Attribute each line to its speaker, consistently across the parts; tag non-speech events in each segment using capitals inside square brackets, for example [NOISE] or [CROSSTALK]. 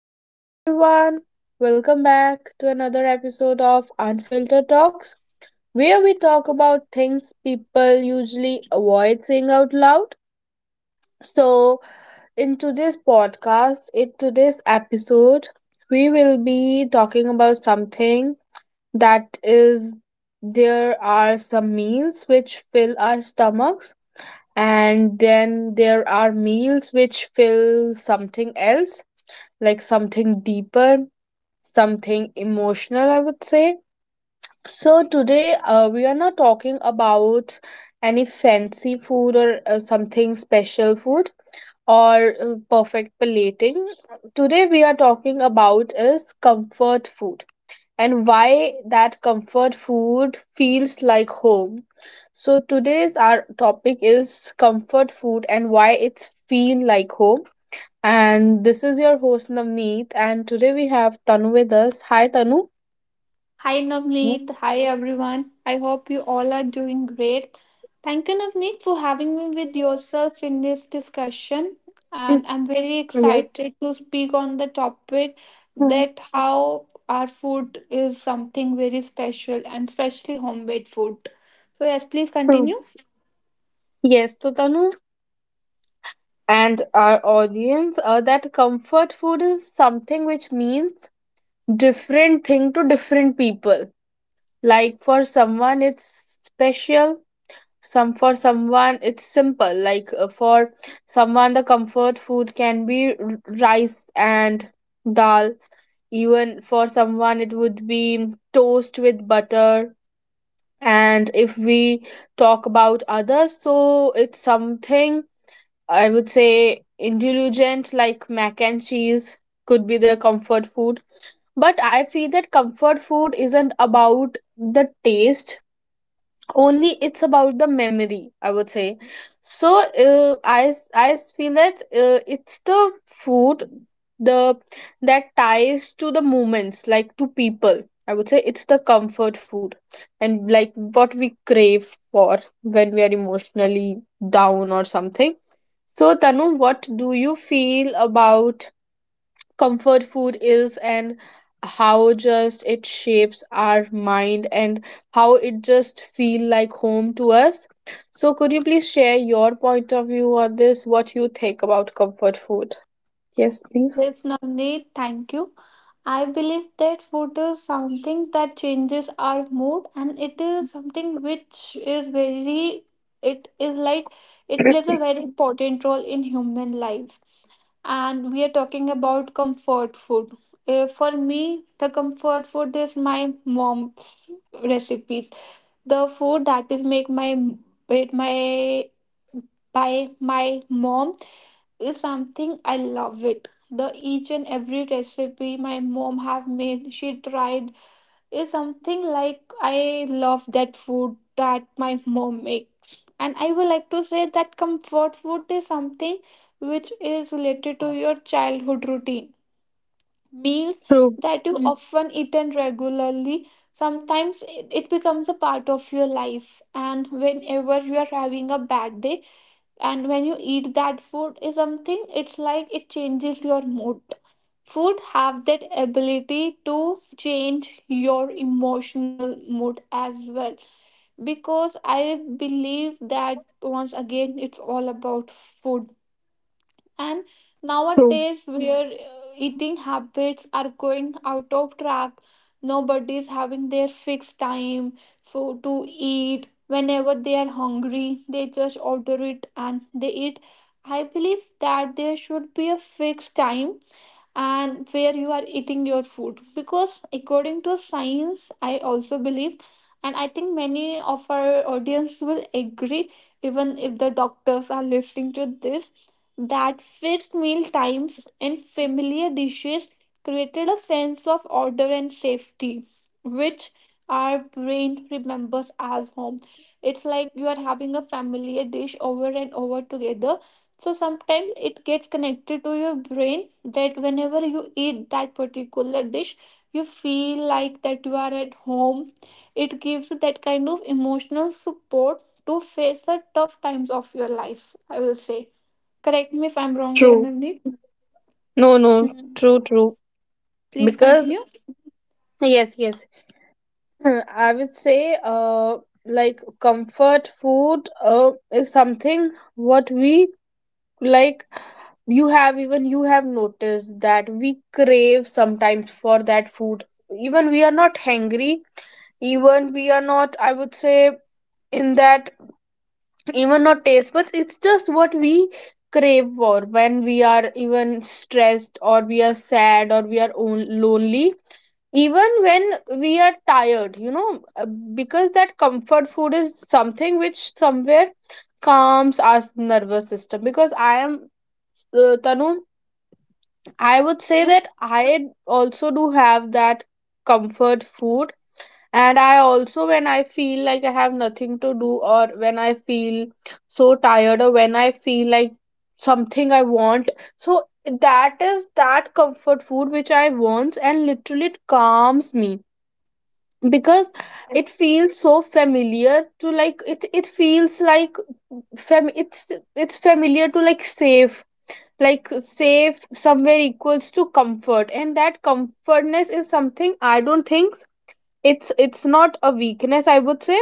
Speaker 1: Hello, everyone. Welcome back to another episode of Unfiltered Talks, where we talk about things people usually avoid saying out loud. So, in today's episode, we will be talking about something that is there are some meals which fill our stomachs, and then there are meals which fill something else, like something deeper, something emotional, I would say. So, today we are not talking about any fancy food or something special food or perfect plating. Today we are talking about is comfort food and why that comfort food feels like home. So today's our topic is comfort food and why it's feel like home. And this is your host Navneet, and today we have Tanu with us. Hi Tanu.
Speaker 2: Hi
Speaker 1: Mm.
Speaker 2: Navneet, hi everyone. I hope you all are doing great. Thank you Navneet for having me with yourself in this discussion
Speaker 1: Mm.
Speaker 2: and I'm very
Speaker 1: Yes.
Speaker 2: excited to speak on the topic
Speaker 1: Mhm.
Speaker 2: that how our food is something very special and especially homemade food. So yes, please
Speaker 1: True.
Speaker 2: continue.
Speaker 1: Yes, to Tanu and our audience, that comfort food is something which means different thing to different people. Like for someone, it's special. Some For someone, it's simple. Like for someone, the comfort food can be rice and dal. Even for someone, it would be toast with butter. And if we talk about others, so it's something I would say indulgent, like mac and cheese could be their comfort food. But I feel that comfort food isn't about the taste only, it's about the memory, I would say. So, I feel that it's the food the that ties to the moments, like to people, I would say it's the comfort food. And like what we crave for when we are emotionally down or something. So, Tanu, what do you feel about comfort food is, and how just it shapes our mind, and how it just feel like home to us? So could you please share your point of view on this, what you think about comfort food? Yes, please.
Speaker 2: There's no need, thank you. I believe that food is something that changes our mood and it is something which is very, it is like, it plays a very important role in human life. And we are talking about comfort food. For me, the comfort food is my mom's recipes. The food that is made my by my mom is something I love it. The each and every recipe my mom have made, she tried is something like I love that food that my mom makes. And I would like to say that comfort food is something which is related to your childhood routine. Meals
Speaker 1: True,
Speaker 2: that you often eat and regularly, sometimes it becomes a part of your life. And whenever you are having a bad day, and when you eat that food is something it's like it changes your mood, food have that ability to change your emotional mood as well, because I believe that once again it's all about food. And
Speaker 1: true,
Speaker 2: nowadays, where eating habits are going out of track, nobody is having their fixed time for to eat. Whenever they are hungry, they just order it and they eat. I believe that there should be a fixed time and where you are eating your food, because according to science I also believe, and I think many of our audience will agree, even if the doctors are listening to this, that fixed meal times and familiar dishes created a sense of order and safety which our brain remembers as home. It's like you are having a familiar dish over and over together, so sometimes it gets connected to your brain that whenever you eat that particular dish, you feel like that you are at home. It gives that kind of emotional support to face the tough times of your life, I will say. Correct me if I'm wrong here,
Speaker 1: true.
Speaker 2: Navneet.
Speaker 1: No, no,
Speaker 2: Hmm.
Speaker 1: true, true.
Speaker 2: Please
Speaker 1: Because
Speaker 2: continue.
Speaker 1: yes, yes. I would say uh like comfort food uh, is something what we like. You have Even you have noticed that we crave sometimes for that food, even we are not hungry, even we are not, I would say, in that, even not taste buds, it's just what we crave for when we are even stressed, or we are sad, or we are lonely, even when we are tired, because that comfort food is something which somewhere calms our nervous system. Because I am, Tanu, I would say
Speaker 2: Hmm?
Speaker 1: that I also do have that comfort food. And I also, when I feel like I have nothing to do, or when I feel so tired, or when I feel like something I want, so that is that comfort food which I want, and literally it calms me because it feels so familiar to like it. It feels like fam. It's familiar to like safe. Like safe somewhere equals to comfort, and that comfortness is something I don't think it's not a weakness, I would say.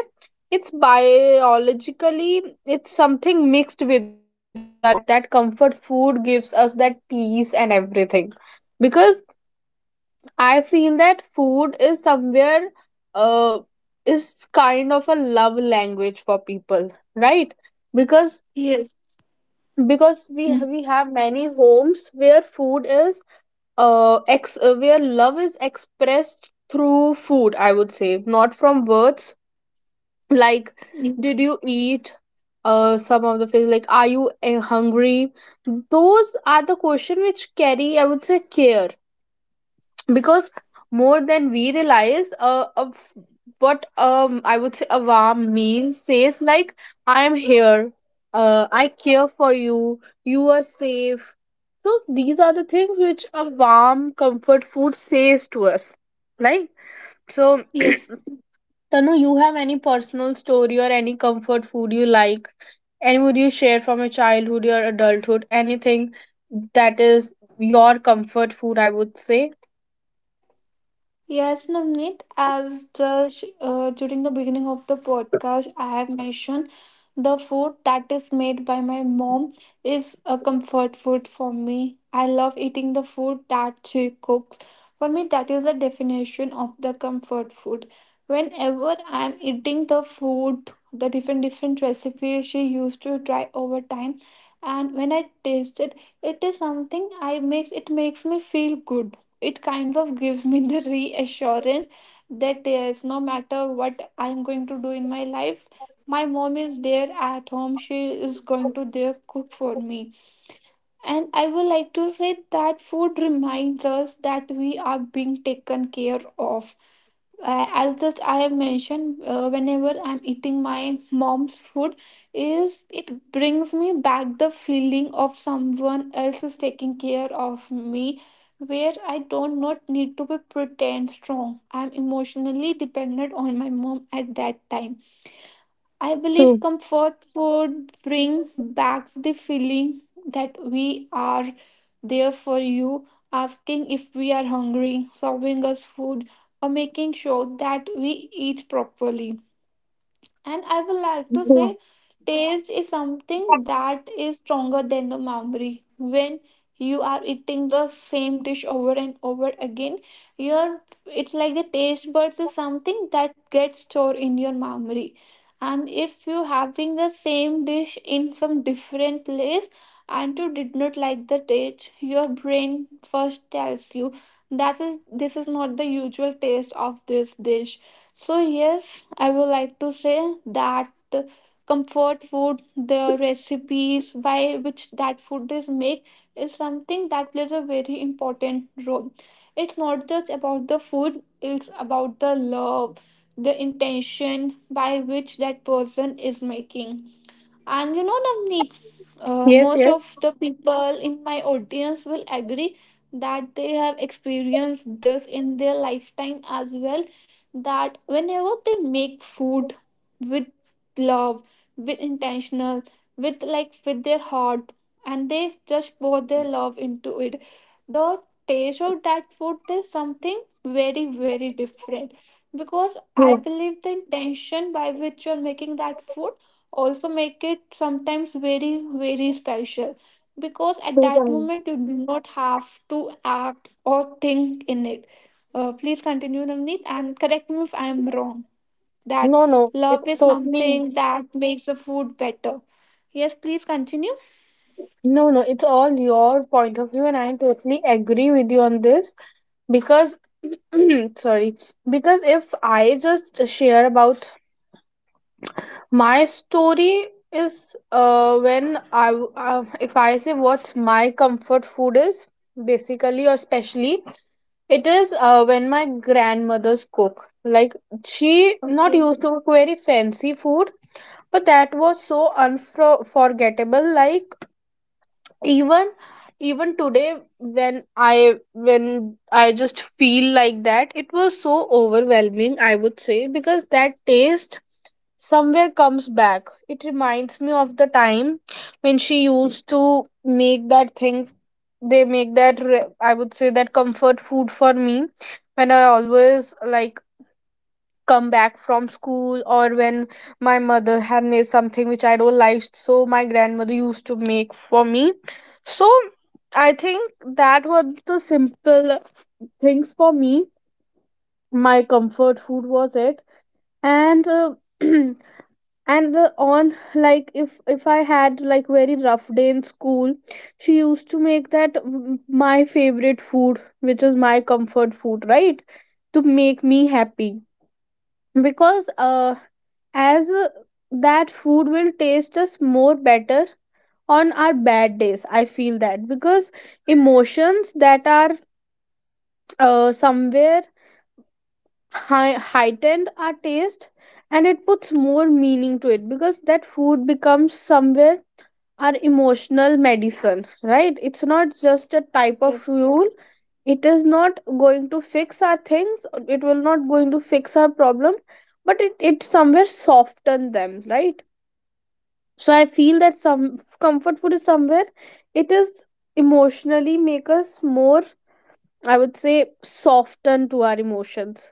Speaker 1: It's biologically, it's something mixed with our emotions that that comfort food gives us that peace and everything. Because I feel that food is somewhere, uh is kind of a love language for people, right? Because
Speaker 2: Yes.
Speaker 1: because we
Speaker 2: Hmm.
Speaker 1: we have many homes where food is where love is expressed through food, I would say, not from words. Like, did you eat? Some of the things like, are you hungry? Those are the question which carry, I would say, care. Because more than we realize, of what, I would say, a warm meal says like, I am here, I care for you, you are safe. So these are the things which a warm comfort food says to us, like, so,
Speaker 2: Yes.
Speaker 1: Tanu, you have any personal story or any comfort food you like? Any would you share from your childhood, your adulthood? Anything that is your comfort food, I would say.
Speaker 2: Yes, Navneet, as just during the beginning of the podcast, I have mentioned the food that is made by my mom is a comfort food for me. I love eating the food that she cooks. For me, that is the definition of the comfort food. Whenever I am eating the food, the different different recipes she used to try over time, and when I taste it, it is something I makes me feel good. It kind of gives me [LAUGHS] the reassurance that yes, no matter what I'm going to do in my life, my mom is there at home. She is going to there cook for me. And I would like to say that food reminds us that we are being taken care of. As this I have mentioned, whenever I'm eating my mom's food, is it brings me back the feeling of someone else is taking care of me, where I don't not need to be pretend strong. I'm emotionally dependent on my mom at that time. I
Speaker 1: True.
Speaker 2: believe comfort food bring back the feeling that we are there for you, asking if we are hungry, serving us food, or making sure that we eat properly. And I would like to
Speaker 1: True.
Speaker 2: say, taste is something that is stronger than the memory. When you are eating the same dish over and over again, your, it's like the taste buds is something that gets stored in your memory. And if you having the same dish in some different place and you did not like the taste, your brain first tells you that is this is not the usual taste of this dish. So, yes, I would like to say that comfort food, the recipes by which that food is made, is something that plays a very important role. It's not just about the food, it's about the love, the intention by which that person is making, and you know the need,
Speaker 1: Yes,
Speaker 2: most
Speaker 1: yes.
Speaker 2: of the people in my audience will agree that they have experienced this in their lifetime as well, that whenever they make food with love, with intentional, with like with their heart, and they just pour their love into it, the taste of that food is something very very different, because I
Speaker 1: True.
Speaker 2: believe the intention by which you're making that food also make it sometimes very very special, because at
Speaker 1: True.
Speaker 2: that
Speaker 1: Tanvi.
Speaker 2: moment you do not have to act or think in it. Please continue Navneet and correct me if I am wrong that
Speaker 1: No, no,
Speaker 2: love
Speaker 1: it's
Speaker 2: is
Speaker 1: totally
Speaker 2: something that makes the food better. Yes, please continue.
Speaker 1: no, no, it's all your point of view, and I totally agree with you on this. Because [CLEARS THROAT] Sorry, because if I just share about my story, is, if I say what's my comfort food is, basically or specially, it is, when my grandmother's cook. Like, she not
Speaker 2: Okay.
Speaker 1: used to cook very fancy food, but that was so unforgettable. Like, even today, when I just feel like that, it was so overwhelming, I would say, because that taste somewhere comes back, it reminds me of the time when she used to make that thing. They make that I would say that comfort food for me when I always like come back from school, or when my mother had made something which I don't like. So my grandmother used to make for me. So I think that were the simple things for me. My comfort food was it. And [CLEARS THROAT] and on, like if I had like very rough day in school, she used to make that my favorite food, which is my comfort food, right? To make me happy, because as that food will taste us more better on our bad days, I feel that, because emotions that are somewhere heightened our taste, and it puts more meaning to it, because that food becomes somewhere our emotional medicine, right? It's not just a type of
Speaker 2: Yes,
Speaker 1: fuel, it is not going to fix our things, it will not going to fix our problem, but it somewhere soften them, right? So I feel that some comfort food is somewhere, it is emotionally make us more, I would say, soften to our emotions,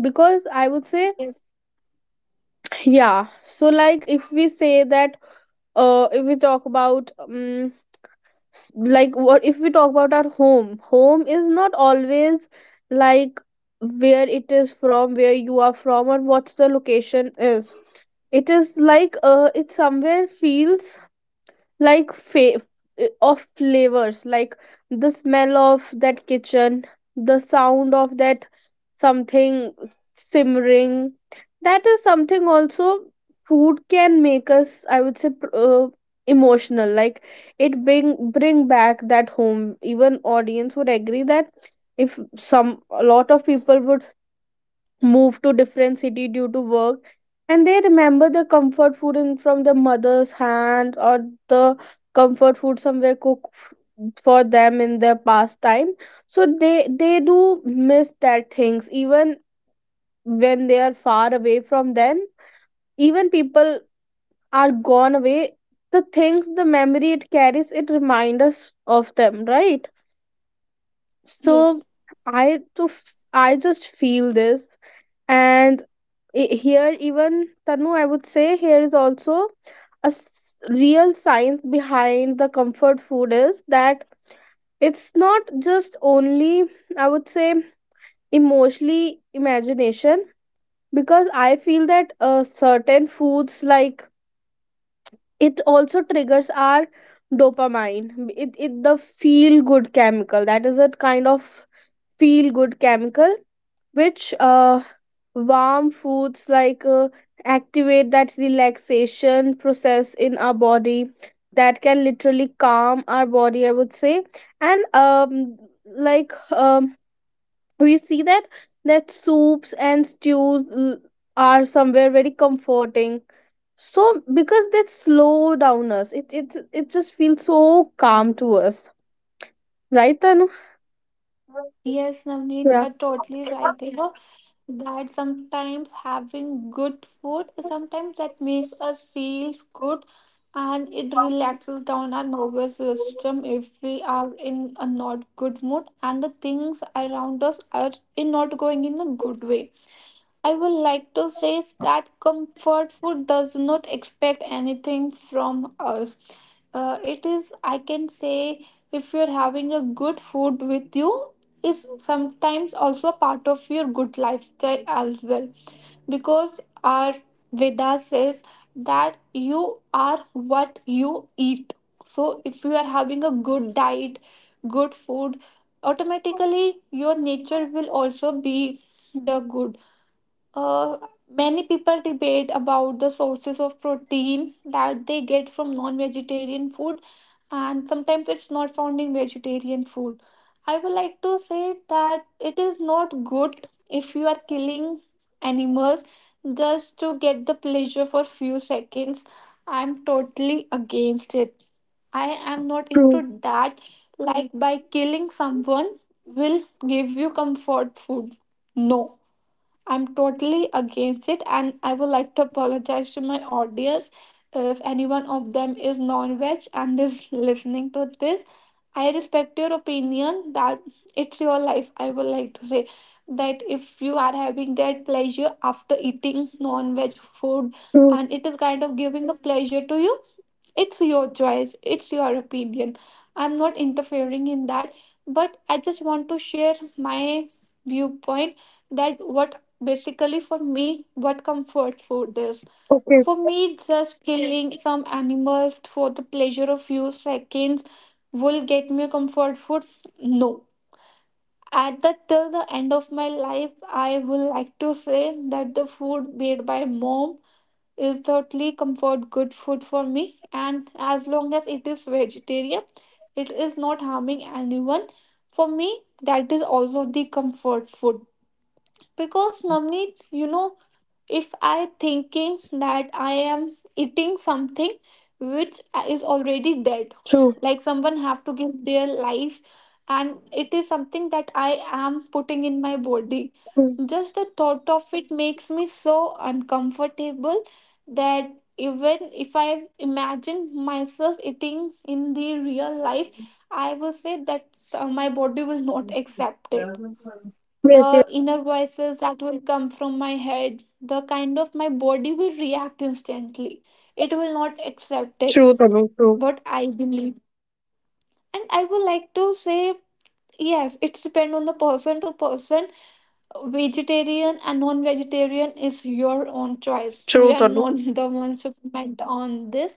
Speaker 1: because I would say,
Speaker 2: yes.
Speaker 1: yeah. So like, if we say that, if we talk about, s- like what, if we talk about our home. Home is not always like where it is, from where you are from, or what's the location is. It is like, it somewhere feels like of flavors, like the smell of that kitchen, the sound of that something simmering. That is something also food can make us, I would say, emotional, like it bring back that home. Even audience would agree that, if some a lot of people would move to different city due to work, and they remember the comfort food from the mother's hand, or the comfort food somewhere cooked for them in their past time. So they do miss that things even when they are far away from them, even people are gone away, the things, the memory it carries, it reminds us of them, right? So
Speaker 2: Yes,
Speaker 1: I just feel this. And here, even Tanu, I would say, here is also a real science behind the comfort food, is that it's not just only, I would say, emotionally imagination, because I feel that certain foods like, it also triggers our dopamine. It, the feel good chemical, that is a kind of feel good chemical, which warm foods like, activate that relaxation process in our body, that can literally calm our body, I would say. And like, we see that soups and stews are somewhere very comforting. So because they slow down us, it just feels so calm to us, right Tanu?
Speaker 2: yes, Navneet, you
Speaker 1: Yeah.
Speaker 2: are totally right here, that sometimes having good food sometimes that makes us feel good and it relaxes down our nervous system if we are in a not good mood and the things around us are in not going in a good way. I would like to say that comfort food does not expect anything from us. It is, I can say, if you're having a good food with you, is sometimes also part of your good lifestyle as well. Because our Veda says that you are what you eat. So if you are having a good diet, good food, automatically your nature will also be the good. Uh, many people debate about the sources of protein that they get from non vegetarian food, and sometimes it's not found in vegetarian food. I would like to say that it is not good if you are killing animals just to get the pleasure for few seconds. I'm totally against it. I am not
Speaker 1: True.
Speaker 2: into that. Like by killing someone will give you comfort food. No. I'm totally against it, and I would like to apologize to my audience if anyone of them is non-veg and is listening to this. I respect your opinion that it's your life. I would like to say that if you are having that pleasure after eating non-veg food
Speaker 1: True.
Speaker 2: and it is kind of giving a pleasure to you, it's your choice, it's your opinion. I'm not interfering in that, but I just want to share my viewpoint that what basically for me, what comfort food is.
Speaker 1: Okay.
Speaker 2: For me, just killing some animals for the pleasure of few seconds will get me comfort food. No. At the till the end of my life, I will like to say that the food made by mom is certainly comfort good food for me, and as long as it is vegetarian, it is not harming anyone, for me that is also the comfort food. Because Namni, you know, if I thinking that I am eating something which is already dead,
Speaker 1: True.
Speaker 2: like someone have to give their life, and it is something that I am putting in my body, just the thought of it makes me so uncomfortable that even if I imagine myself eating in the real life, I will say that my body will not accept it.
Speaker 1: Yes, yes.
Speaker 2: The inner voices that will come from my head, the kind of my body will react instantly. It will not accept it.
Speaker 1: True, Tanu. True.
Speaker 2: But I believe. And I would like to say, yes, it's depend on the person to person. Vegetarian and non-vegetarian is your own choice. We
Speaker 1: True,
Speaker 2: are
Speaker 1: Tanu.
Speaker 2: not [LAUGHS] the ones to comment on this.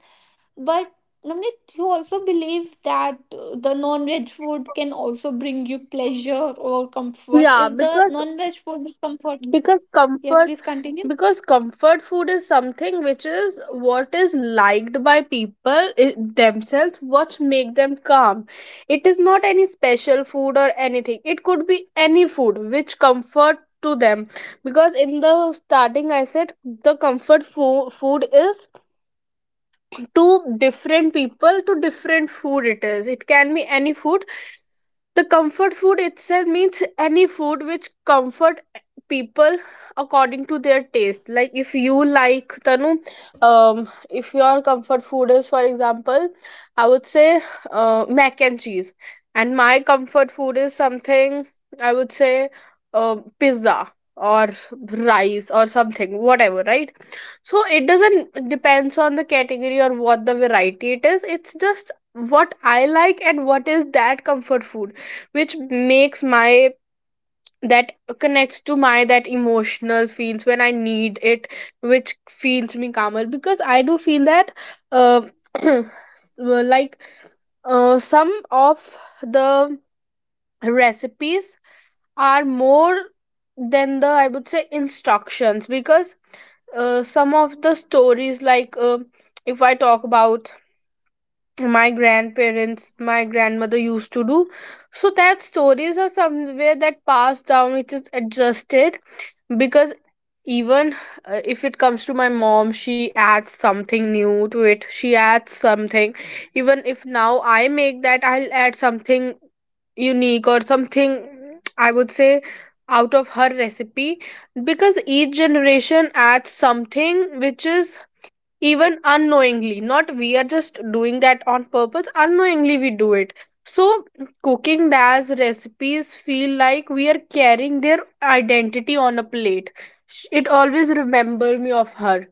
Speaker 2: But Namrata, you also believe that the non-veg food can also bring you pleasure or comfort.
Speaker 1: Yeah,
Speaker 2: Is the
Speaker 1: because,
Speaker 2: non-veg food is comfort?
Speaker 1: because
Speaker 2: Yes,
Speaker 1: comfort
Speaker 2: please continue.
Speaker 1: comfort food is something which is what is liked by people themselves, what make them calm. It is not any special food or anything. It could be any food which comfort to them, because in the starting I said the comfort food is, to different people to different food it is. It can be any food. The comfort food itself means any food which comfort people according to their taste, like if you like Tanu. um if your comfort food is, for example, I would say mac and cheese, and my comfort food is something, I would say pizza or rice or something, whatever, right? So it doesn't depends on the category or what the variety it is, it's just what I like and what is that comfort food, which makes my, that, connects to my that emotional feels when I need it, which feels me calmer, because I do feel that uh, [CLEARS THROAT] well, like some of the recipes are more than the, I would say, instructions, because some of the stories, like if I talk about my grandparents, my grandmother used to do, so that stories are somewhere that passed down, which is adjusted, because even if it comes to my mom, she adds something new to it, she adds something. Even if now I make that, I'll add something unique or something, I would say, out of her recipe, because each generation adds something which is, even unknowingly, not we are just doing that on purpose, unknowingly we do it. So cooking as recipes feel like we are carrying their identity on a plate. Sh- it always remember me of her.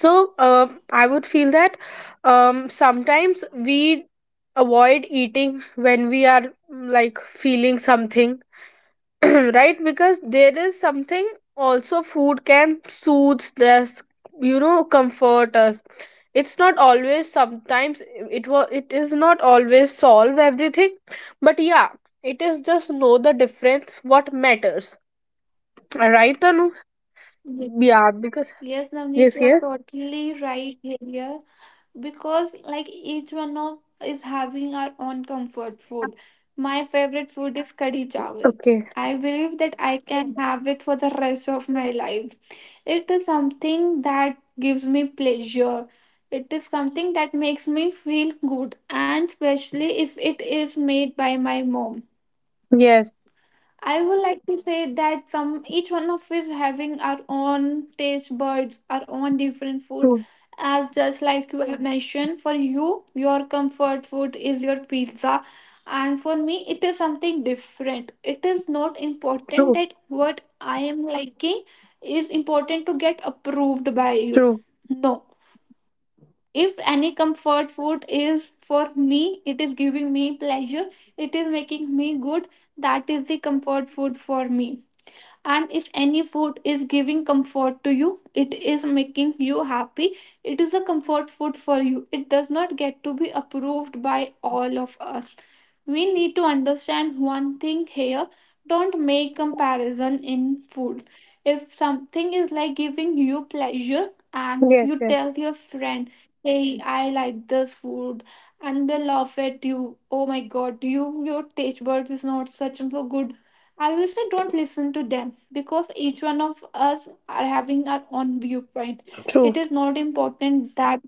Speaker 1: So I would feel that sometimes we avoid eating when we are like feeling something. [CLEARS THROAT] Right, because there is something, also food can soothe us, comfort us. It's not always, sometimes it was, it is not always solve everything, but yeah, it is just know the difference what matters. [CLEARS THROAT] Right, Tanu?
Speaker 2: Yes,
Speaker 1: Yeah, because
Speaker 2: yes, Navneet,
Speaker 1: yes,
Speaker 2: you are
Speaker 1: yes.
Speaker 2: totally right here, because like each one of is having our own comfort food. My favorite food is kadhi chawal.
Speaker 1: Okay.
Speaker 2: I believe that I can have it for the rest of my life. It is something that gives me pleasure. It is something that makes me feel good, and especially if it is made by my mom.
Speaker 1: Yes.
Speaker 2: I would like to say that some each one of us having our own taste buds, our own different food.
Speaker 1: True,
Speaker 2: As just like you have mentioned, for you, your comfort food is your pizza, and for me, it is something different. It is not important
Speaker 1: true,
Speaker 2: that what I am liking is important to get approved by you.
Speaker 1: true.
Speaker 2: No. If any comfort food is for me, it is giving me pleasure, it is making me good, that is the comfort food for me. And if any food is giving comfort to you, it is making you happy, it is a comfort food for you. It does not get to be approved by all of us. We need to understand one thing here, don't make comparison in foods. If something is like giving you pleasure and
Speaker 1: Yes,
Speaker 2: you
Speaker 1: yes.
Speaker 2: tell your friend, hey I like this food, and they laugh at you, oh my god, you your taste buds is not such so good, I will say don't listen to them, because each one of us are having our own viewpoint. It
Speaker 1: True.
Speaker 2: is not important that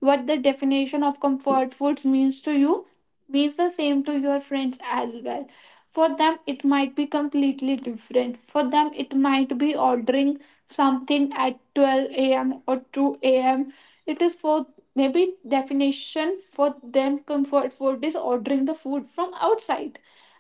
Speaker 2: what the definition of comfort foods means to you means the same to your friends as well. For them, it might be completely different. For them, it might be ordering something at 12 a.m. or 2 a.m. It is for maybe definition for them comfort food is ordering the food from outside,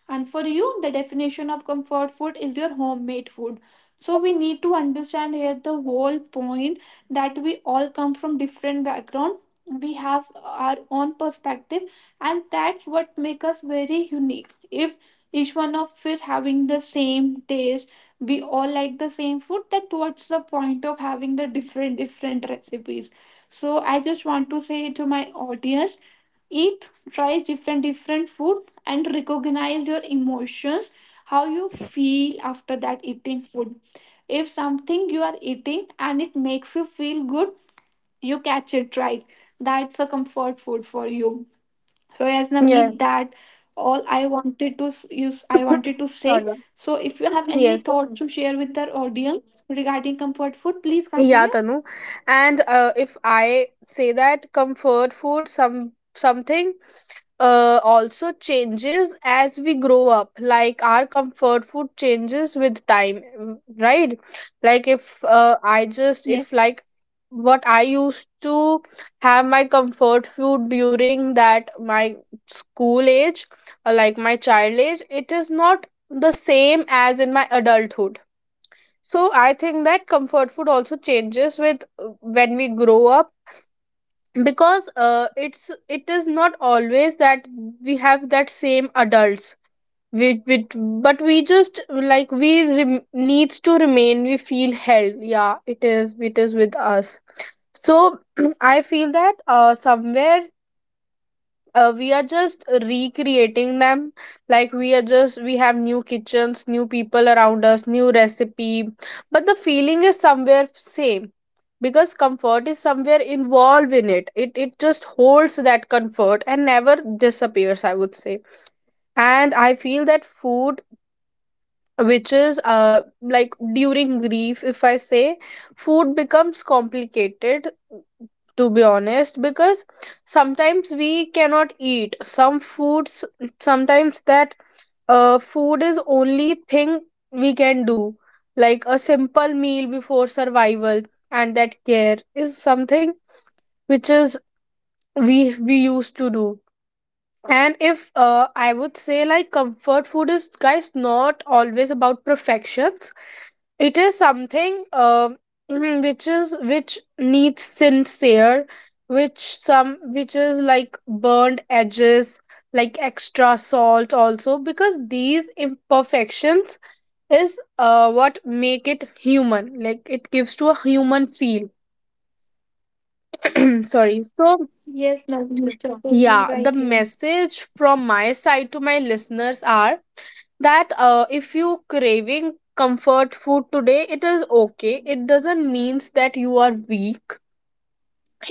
Speaker 2: and for you, the definition of comfort food is your homemade food. So we need to understand here the whole point that we all come from different background. We have our own perspective, and that's what makes us very unique. If each one of us having the same taste, we all like the same food, that what's the point of having the different different recipes? So I just want to say to my audience, eat, try different different food, and recognize your emotions, how you feel after that eating food. If something you are eating and it makes you feel good, you catch it, right? That's a comfort food for you. So yes Navneet,
Speaker 1: Yes.
Speaker 2: that all I wanted to use I
Speaker 1: [LAUGHS]
Speaker 2: wanted to say.
Speaker 1: Sorry.
Speaker 2: So if you have any
Speaker 1: Yes.
Speaker 2: thoughts to share with our audience regarding comfort food please
Speaker 1: Yeah,
Speaker 2: continue.
Speaker 1: Tanu. And if I say that comfort food, some, something also changes as we grow up. Like our comfort food changes with time, mm, right? Like if I just,
Speaker 2: Yes.
Speaker 1: if like, what I used to have my comfort food during that my school age, like my child age, it is not the same as in my adulthood. So I think that comfort food also changes with when we grow up, because it is not always that we have that same adults, we but we just like we rem- needs to remain, we feel held, yeah, it is, it is with us. So [CLEARS THROAT] I feel that somewhere we are just recreating them, like we are just, we have new kitchens, new people around us, new recipe, but the feeling is somewhere same, because comfort is somewhere involved in it, it just holds that comfort and never disappears, I would say. And I feel that food which is uh, like during grief if I say, food becomes complicated, to be honest, because sometimes we cannot eat some foods, sometimes that food is only thing we can do, like a simple meal before survival, and that care is something which is, we we used to do. And if I would say, like, comfort food is, guys, not always about perfection, it is something [CLEARS THROAT] which is, which needs sincere, which, some, which is like burned edges, like extra salt also, because these imperfections is what make it human, like it gives to a human feel. [CLEARS THROAT] Sorry, so,
Speaker 2: Yes, Navneet, you're totally
Speaker 1: yeah,
Speaker 2: right
Speaker 1: the
Speaker 2: here.
Speaker 1: message from my side to my listeners are that if you craving comfort food today, it is okay. It doesn't means that you are weak,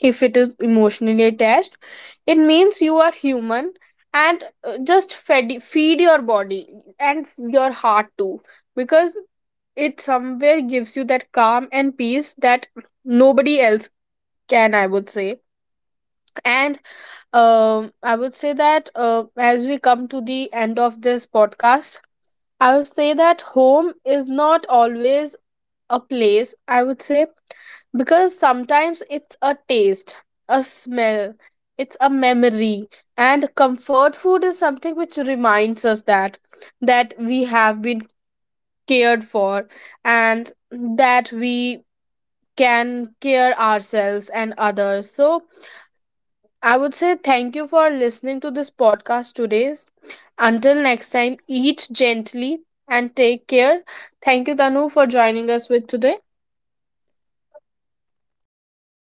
Speaker 1: if it is emotionally attached. It means you are human, and just fed, feed your body and your heart too, because it somewhere gives you that calm and peace that nobody else can, I would say. And I would say that as we come to the end of this podcast, I would say that home is not always a place, I would say, because sometimes it's a taste, a smell, it's a memory, and comfort food is something which reminds us that, that we have been cared for, and that we can care ourselves and others. So I would say thank you for listening to this podcast today. Until next time, eat gently and take care. Thank you, Tanu, for joining us with today.
Speaker 2: Thank you Navneet, thank